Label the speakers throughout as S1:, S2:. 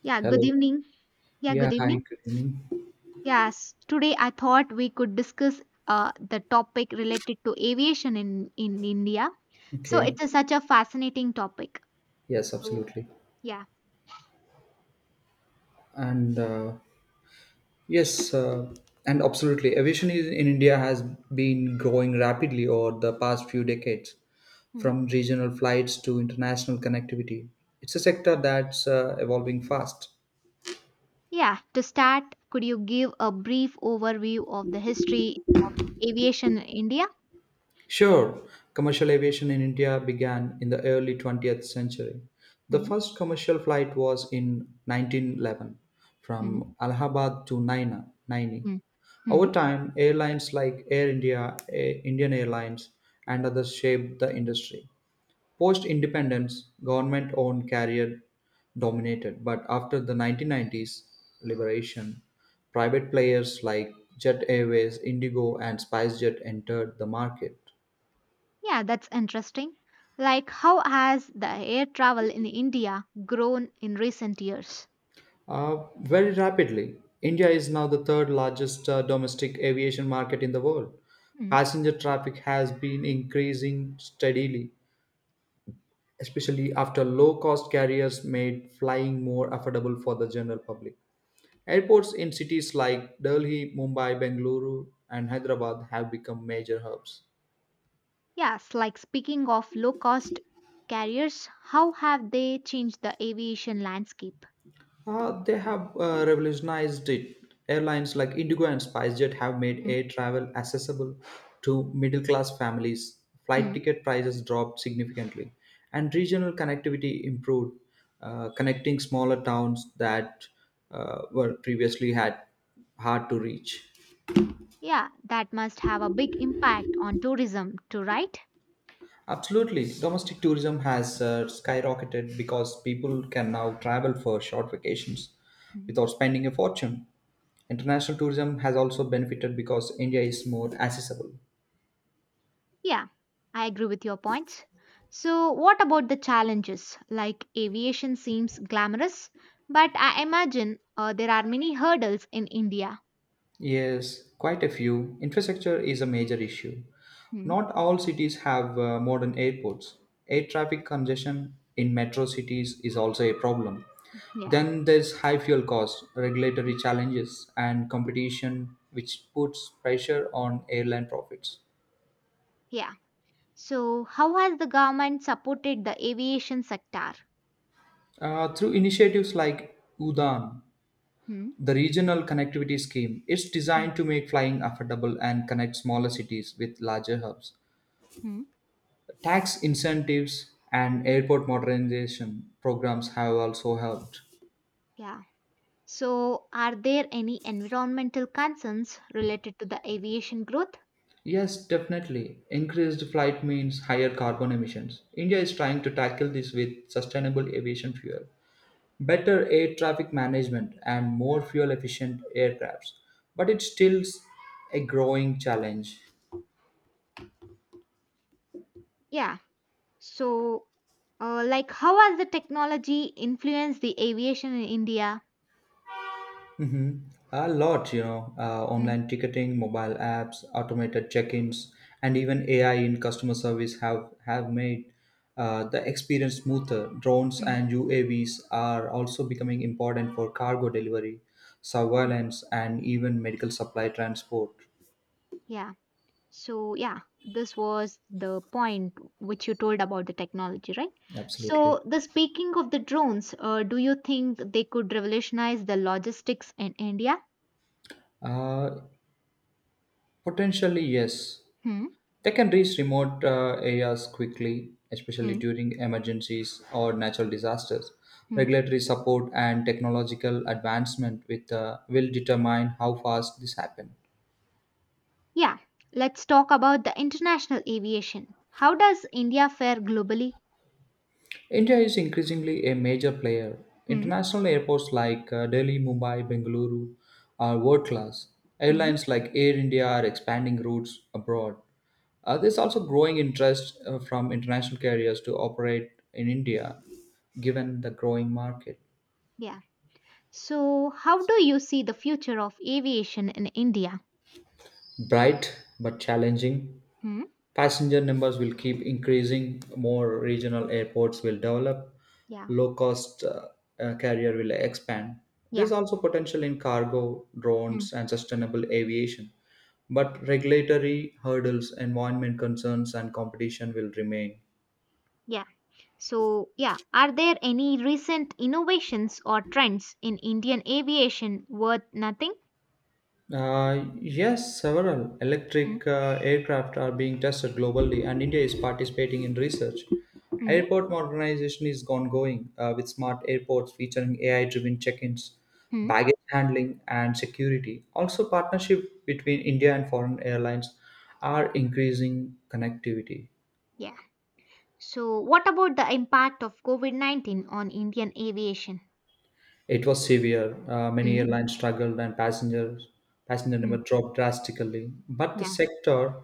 S1: Yeah, good
S2: Hello.
S1: evening. Yeah, good
S2: Yeah, hi,
S1: evening.
S2: good evening.
S1: Yes, today I thought we could discuss the topic related to aviation in India. So
S2: Okay.
S1: it's a, such a fascinating topic.
S2: Yes,
S1: So,
S2: absolutely.
S1: yeah.
S2: And yes, and absolutely. Aviation is, in India has been growing rapidly over the past few decades,
S1: Hmm.
S2: from regional flights to international connectivity. It's a sector that's evolving fast.
S1: Yeah, to start, could you give a brief overview of the history aviation in India?
S2: Sure, commercial aviation in India began in the early 20th century. The
S1: Hmm.
S2: first commercial flight was in 1911
S1: Hmm.
S2: from Allahabad to Naina, Naini.
S1: Hmm. Hmm.
S2: Over time, airlines like Air India, Indian Airlines, and others shaped the industry. Post independence, government owned carrier dominated, but after the 1990s liberation, private players like Jet Airways, Indigo, and SpiceJet entered the market.
S1: Yeah, that's interesting. Like, how has the air travel in India grown in recent years?
S2: Very rapidly, India is now the third largest domestic aviation market in the world. Passenger traffic has been increasing steadily, especially after low cost carriers made flying more affordable for the general public. Airports in cities like Delhi, Mumbai, Bengaluru, and Hyderabad have become major hubs.
S1: Yes, like speaking of low cost carriers, how have they changed the aviation landscape?
S2: They have revolutionized it. Airlines like Indigo and SpiceJet have made
S1: Hmm?
S2: air travel accessible to middle class families. Flight
S1: Hmm?
S2: ticket prices dropped significantly, and regional connectivity improved, connecting smaller towns that were previously had hard to reach.
S1: Yeah, that must have a big impact on tourism too, right?
S2: Absolutely. Domestic tourism has skyrocketed because people can now travel for short vacations
S1: Hmm?
S2: without spending a fortune. International tourism has also benefited because India is more accessible.
S1: Yeah, I agree with your points. So, what about the challenges? Like aviation seems glamorous, but I imagine there are many hurdles in India.
S2: Yes, quite a few. Infrastructure is a major issue.
S1: Hmm?
S2: Not all cities have modern airports. Air traffic congestion in metro cities is also a problem.
S1: Yeah,
S2: Then there's high fuel costs,
S1: Mm,
S2: regulatory challenges, and competition, which puts pressure on airline profits.
S1: yeah. So, how has the government supported the aviation sector?
S2: Through initiatives like UDAN,
S1: Hmm?
S2: the regional connectivity scheme, it's
S1: Hmm?
S2: designed to make flying affordable and connect smaller cities with larger hubs.
S1: Hmm?
S2: Tax incentives and airport modernization programs have also helped.
S1: Yeah. So, are there any environmental concerns related to the aviation growth?
S2: Yes, definitely. Increased flight means higher carbon emissions. India is trying to tackle this with sustainable aviation fuel, better air traffic management, and more fuel efficient aircrafts. But it still a growing challenge.
S1: Yeah. So, how has the technology influenced the aviation in India?
S2: hmm A lot,
S1: Mm,
S2: online ticketing, mobile apps, automated check-ins, and even AI in customer service have made the experience smoother. Drones
S1: mm,
S2: and UAVs are also becoming important for cargo delivery,
S1: mm.
S2: surveillance, and even medical supply transport.
S1: Yeah. So, yeah, this was the point which you told about the technology, right? So,
S2: Absolutely.
S1: the speaking of the drones, do you think they could revolutionize the logistics in India?
S2: Uh, potentially, yes.
S1: Hmm.
S2: They can reach remote areas quickly, especially during emergencies or natural disasters.
S1: Hmm.
S2: Regulatory support and technological advancement with, will determine how fast this happens.
S1: Yeah, let's talk about the international aviation. How does India fare globally?
S2: India is increasingly a major player.
S1: Hmm.
S2: International airports like Delhi, Mumbai, Bengaluru are world class.
S1: Hmm.
S2: Airlines like Air India are expanding routes abroad. There's also growing interest from international carriers to operate in India, given the growing market.
S1: Yeah. So, how do you see the future of aviation in India?
S2: Bright but challenging.
S1: Hmm.
S2: Passenger numbers will keep increasing, more regional airports will develop,
S1: Yeah.
S2: low cost carrier will expand. There's
S1: Yeah.
S2: also potential in cargo,
S1: Hmm.
S2: drones, and sustainable aviation. But regulatory hurdles, environment concerns, and competition will remain.
S1: Yeah. So, yeah, are there any recent innovations or trends in Indian aviation worth nothing?
S2: Yes, several
S1: Hmm.
S2: electric aircraft are being tested globally, and India is participating in research.
S1: Hmm.
S2: Airport modernization is ongoing with smart airports featuring AI driven check ins,
S1: Hmm.
S2: baggage handling, and security. Also, partnership between India and foreign airlines are increasing connectivity.
S1: Yeah. So, what about the impact of COVID COVID-19 on Indian aviation?
S2: It was severe. Many
S1: Hmm.
S2: airlines struggled, and passenger
S1: Hmm.
S2: number dropped drastically. But the
S1: Yeah.
S2: sector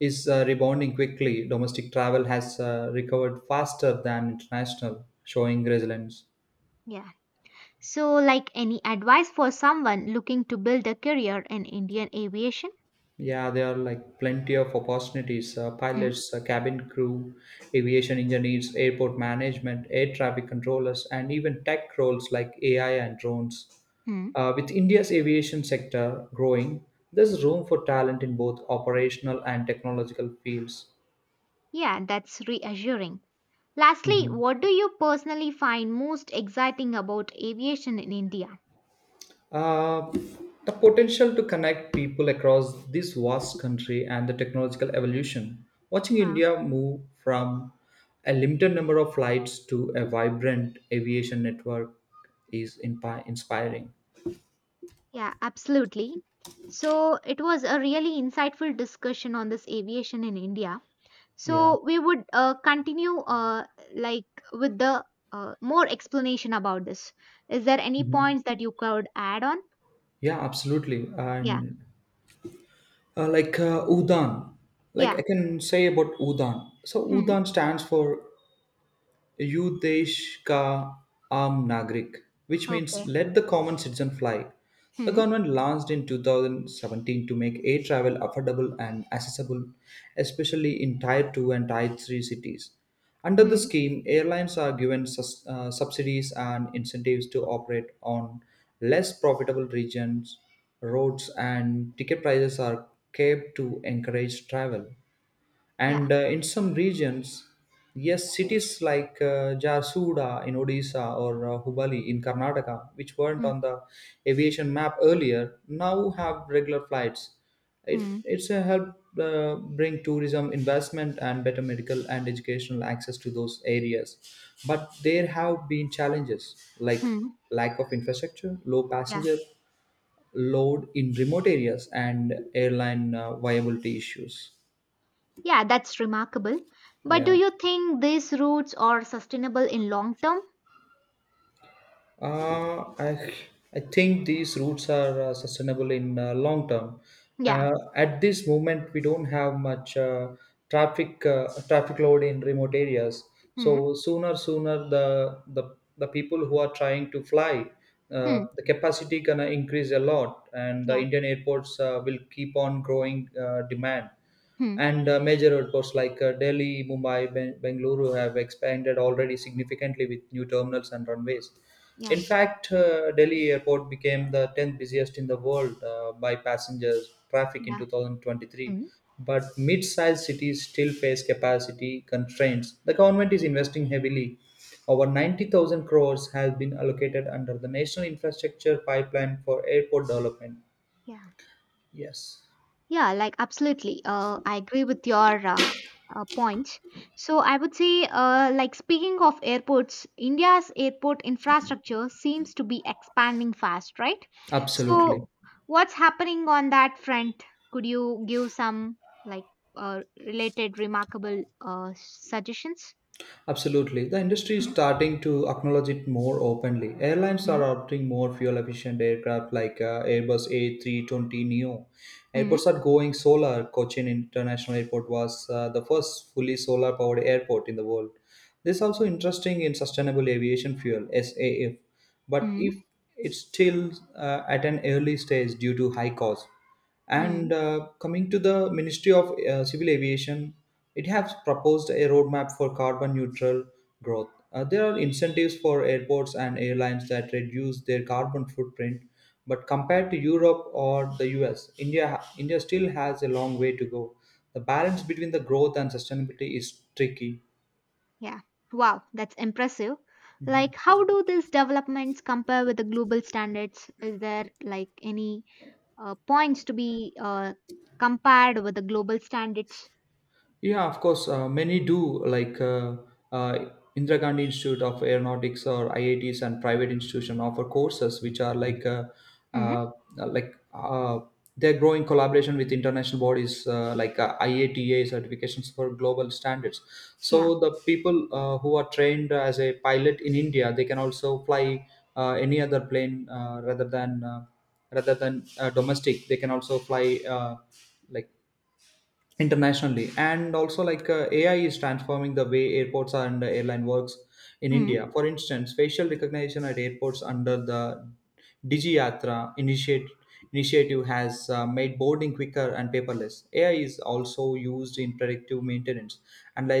S2: is rebounding quickly. Domestic travel has recovered faster than international, showing resilience.
S1: Yeah. So, like any advice for someone looking to build a career in Indian aviation?
S2: Yeah, there are like plenty of opportunities,
S1: Hmm.
S2: pilots, cabin crew, aviation engineers, airport management, air traffic controllers, and even tech roles like AI and drones.
S1: Hmm.
S2: With India's aviation sector growing, there's room for talent in both operational and technological fields.
S1: Yeah, that's reassuring. Lastly,
S2: Mhm.
S1: what do you personally find most exciting about aviation in India?
S2: Uh, the potential to connect people across this vast country and the technological evolution. Watching
S1: Huh.
S2: India move from a limited number of flights to a vibrant aviation network is inspiring.
S1: Yeah, absolutely. So it was a really insightful discussion on this aviation in India.
S2: Yeah.
S1: So we would continue like with the more explanation about this. Is there any
S2: Mhm.
S1: points that you could add on?
S2: Yeah, absolutely.
S1: Yeah,
S2: And UDAN, like
S1: yeah.
S2: I can say about UDAN. So
S1: Hmm.
S2: UDAN stands for Yudesh Ka Aam Nagrik, which means
S1: Okay.
S2: let the common citizen fly. The
S1: Hmm,
S2: government launched in 2017 to make air travel affordable and accessible, especially in Tier 2 and Tier 3 cities. Under the
S1: hmm,
S2: scheme, airlines are given subsidies and incentives to operate on less profitable regions, roads, and ticket prices are kept to encourage travel,
S1: yeah,
S2: and in some regions, yes, cities like Jharsuguda in Odisha or Hubali in Karnataka, which weren't
S1: hmm,
S2: on the aviation map earlier, now have regular flights. it,
S1: hmm,
S2: it's a help, bring tourism investment and better medical and educational access to those areas. But there have been challenges like
S1: hmm,
S2: lack of infrastructure, low
S1: yeah,
S2: passenger load in remote areas, and airline viability issues.
S1: yeah, that's remarkable. But do
S2: Yeah.
S1: you think these routes are sustainable in long term?
S2: Uh, I, I think these routes are sustainable in long term.
S1: Yeah,
S2: At this moment, we don't have much traffic load in remote areas.
S1: hmm,
S2: So sooner the people who are trying to fly,
S1: hmm,
S2: the capacity gonna increase a lot, and the
S1: yeah,
S2: Indian airports will keep on growing demand.
S1: hmm,
S2: And major airports like Delhi, Mumbai, Bengaluru have expanded already significantly with new terminals and runways.
S1: yeah,
S2: In fact, Delhi airport became the 10th busiest in the world by passengers traffic in
S1: yeah,
S2: 2023.
S1: hmm,
S2: But mid-sized cities still face capacity constraints. The government is investing heavily. Over 90,000 crores has been allocated under the National Infrastructure Pipeline for Airport Development.
S1: yeah.
S2: Yes,
S1: Yeah, like absolutely. I agree with your points. So I would say, speaking of airports, India's airport infrastructure seems to be expanding fast, right? So
S2: absolutely.
S1: what's happening on that front? Could you give some like related remarkable suggestions?
S2: Absolutely. The industry is starting to acknowledge it more openly. Airlines
S1: Mm-hmm.
S2: are adopting more fuel efficient aircraft like Airbus A320 Neo.
S1: Mm-hmm.
S2: Airports are going solar. Cochin International Airport was the first fully solar powered airport in the world. This is also interesting in sustainable aviation fuel SAF, but
S1: Mm-hmm.
S2: if it's still at an early stage due to high cost.
S1: Mm-hmm.
S2: And coming to the Ministry of Civil Aviation, it has proposed a roadmap for carbon neutral growth. There are incentives for airports and airlines that reduce their carbon footprint, but compared to Europe or the US, India still has a long way to go. The balance between the growth and sustainability is tricky.
S1: Yeah. Wow, that's impressive. Like, how do these developments compare with the global standards? Is there like any points to be compared with the global standards?
S2: Yeah, of course, many do, like uh, Indira Gandhi Institute of Aeronautics or IITs and private institution offer courses which are like
S1: Mm,
S2: uh, like uh, they're growing collaboration with international bodies like IATA certifications for global standards.
S1: yeah.
S2: So the people who are trained as a pilot in India, they can also fly any other plane rather than domestic. They can also fly like internationally. And also like AI is transforming the way airports and airline works in
S1: Mm,
S2: India. For instance, facial recognition at airports under the Digiyatra initiate initiative has made boarding quicker and paperless. AI is also used in predictive maintenance,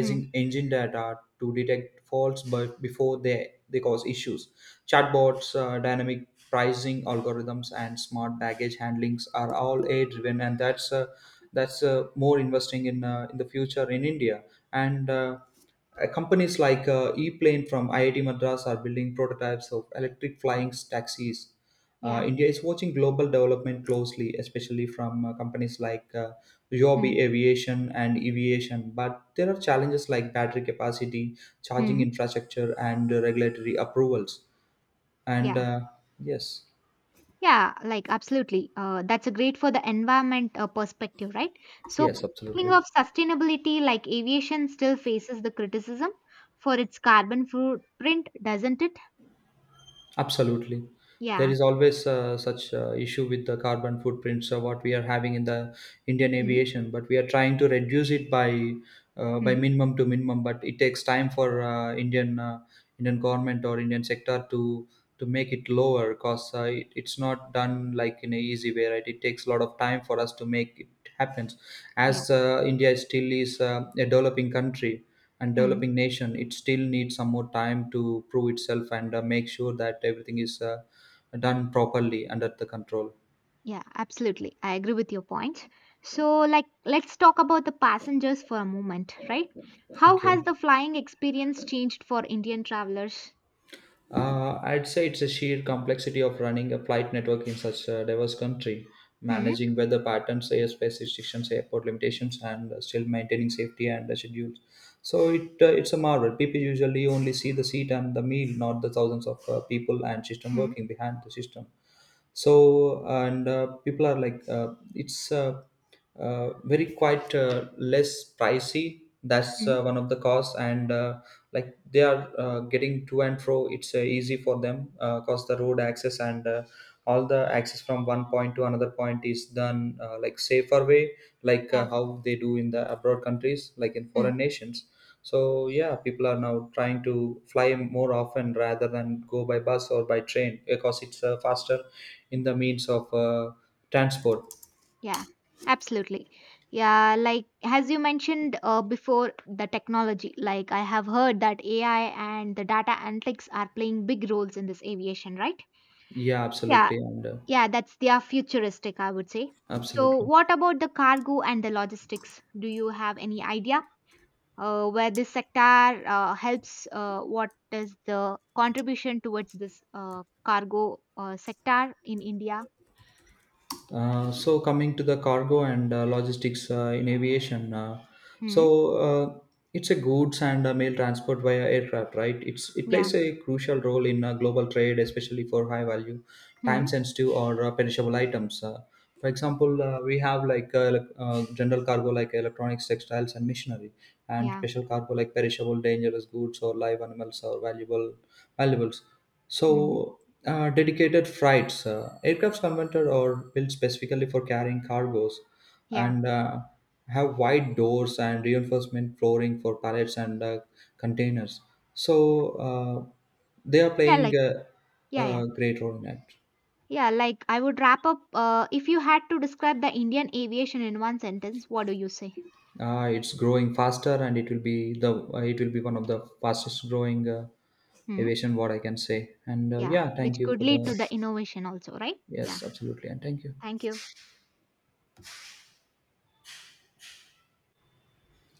S1: mm,
S2: engine data to detect faults but before they cause issues. Chatbots, dynamic pricing algorithms, and smart baggage handlings are all AI driven, and that's more investing in in the future in India. And companies like Eplane from IIT Madras are building prototypes of electric flying taxis. Uh,
S1: yeah.
S2: India is watching global development closely, especially from companies like
S1: Mm,
S2: Yobi Aviation and Aviation. But there are challenges like battery capacity, charging
S1: mm,
S2: infrastructure, and regulatory approvals. And
S1: yeah.
S2: yes,
S1: Yeah, like absolutely. That's a great for the environment perspective, right? So, but
S2: yes,
S1: speaking
S2: absolutely.
S1: of sustainability, like aviation still faces the criticism for its carbon footprint, doesn't it?
S2: Absolutely. There
S1: Yeah.
S2: is always such issue with the carbon footprints what we are having in the Indian
S1: Mm,
S2: aviation, but we are trying to reduce it by by
S1: mm,
S2: minimum to minimum. But it takes time for Indian government or Indian sector to make it lower, because it's not done like in a easy way. Right? It takes a lot of time for us to make it happen.
S1: yeah.
S2: As India still is a developing country and
S1: Hmm.
S2: developing nation, it still needs some more time to prove itself and make sure that everything is done properly under the control.
S1: Yeah, absolutely. I agree with your point. So, like, let's talk about the passengers for a moment, right? How
S2: Okay.
S1: has the flying experience changed for Indian travelers?
S2: I'd say it's a sheer complexity of running a flight network in such a diverse country,
S1: Hmm.
S2: managing weather patterns, airspace restrictions, airport limitations, and still maintaining safety and the schedules. So it's a marvel. People usually only see the seat and the meal, not the thousands of people and system
S1: Hmm.
S2: working behind the system. So and people are like, it's very quite less pricey, that's
S1: Hmm.
S2: one of the cause, and like they are getting to and fro, it's easy for them, cause the road access and all the access from one point to another point is done like safer way, like
S1: Yeah.
S2: how they do in the abroad countries, like in
S1: Hmm.
S2: foreign nations. So yeah, people are now trying to fly more often rather than go by bus or by train because it's faster in the means of transport.
S1: Yeah. Absolutely. Yeah. Like, as you mentioned before, the technology. Like, I have heard that AI and the data analytics are playing big roles in this aviation, right?
S2: Yeah,
S1: Yeah.
S2: absolutely, and
S1: Yeah, that's they are futuristic, I would say. So,
S2: absolutely.
S1: what about the cargo and the logistics? Do you have any idea where this sector helps? What is the contribution towards this cargo sector in India?
S2: So, coming to the cargo and logistics in aviation, so
S1: Hmm.
S2: uh, it's a goods and mail transport via aircraft, right? It
S1: Yeah.
S2: plays a crucial role in global trade, especially for high value,
S1: Hmm.
S2: time sensitive or perishable items. For example, we have like general cargo like electronics, textiles, and machinery, and
S1: Yeah.
S2: special cargo like perishable, dangerous goods or live animals or valuables.
S1: Hmm.
S2: So dedicated freights. Aircrafts converted or built specifically for carrying cargoes
S1: Yeah.
S2: and have wide doors and reinforcement flooring for pallets and containers. So uh, they are
S1: Yeah.
S2: playing
S1: Like.
S2: a,
S1: Yeah. Yeah.
S2: a great role in it.
S1: Yeah. Like I would wrap up. If you had to describe the Indian aviation in one sentence, what do you say?
S2: It's growing faster, and it will be the it will be one of the fastest growing
S1: Hmm.
S2: aviation, what I can say. And
S1: Yeah.
S2: yeah, thank
S1: Which
S2: you
S1: could
S2: for
S1: lead to
S2: the
S1: the innovation also, right? Yeah.
S2: yes, absolutely, and thank you.
S1: Thank you.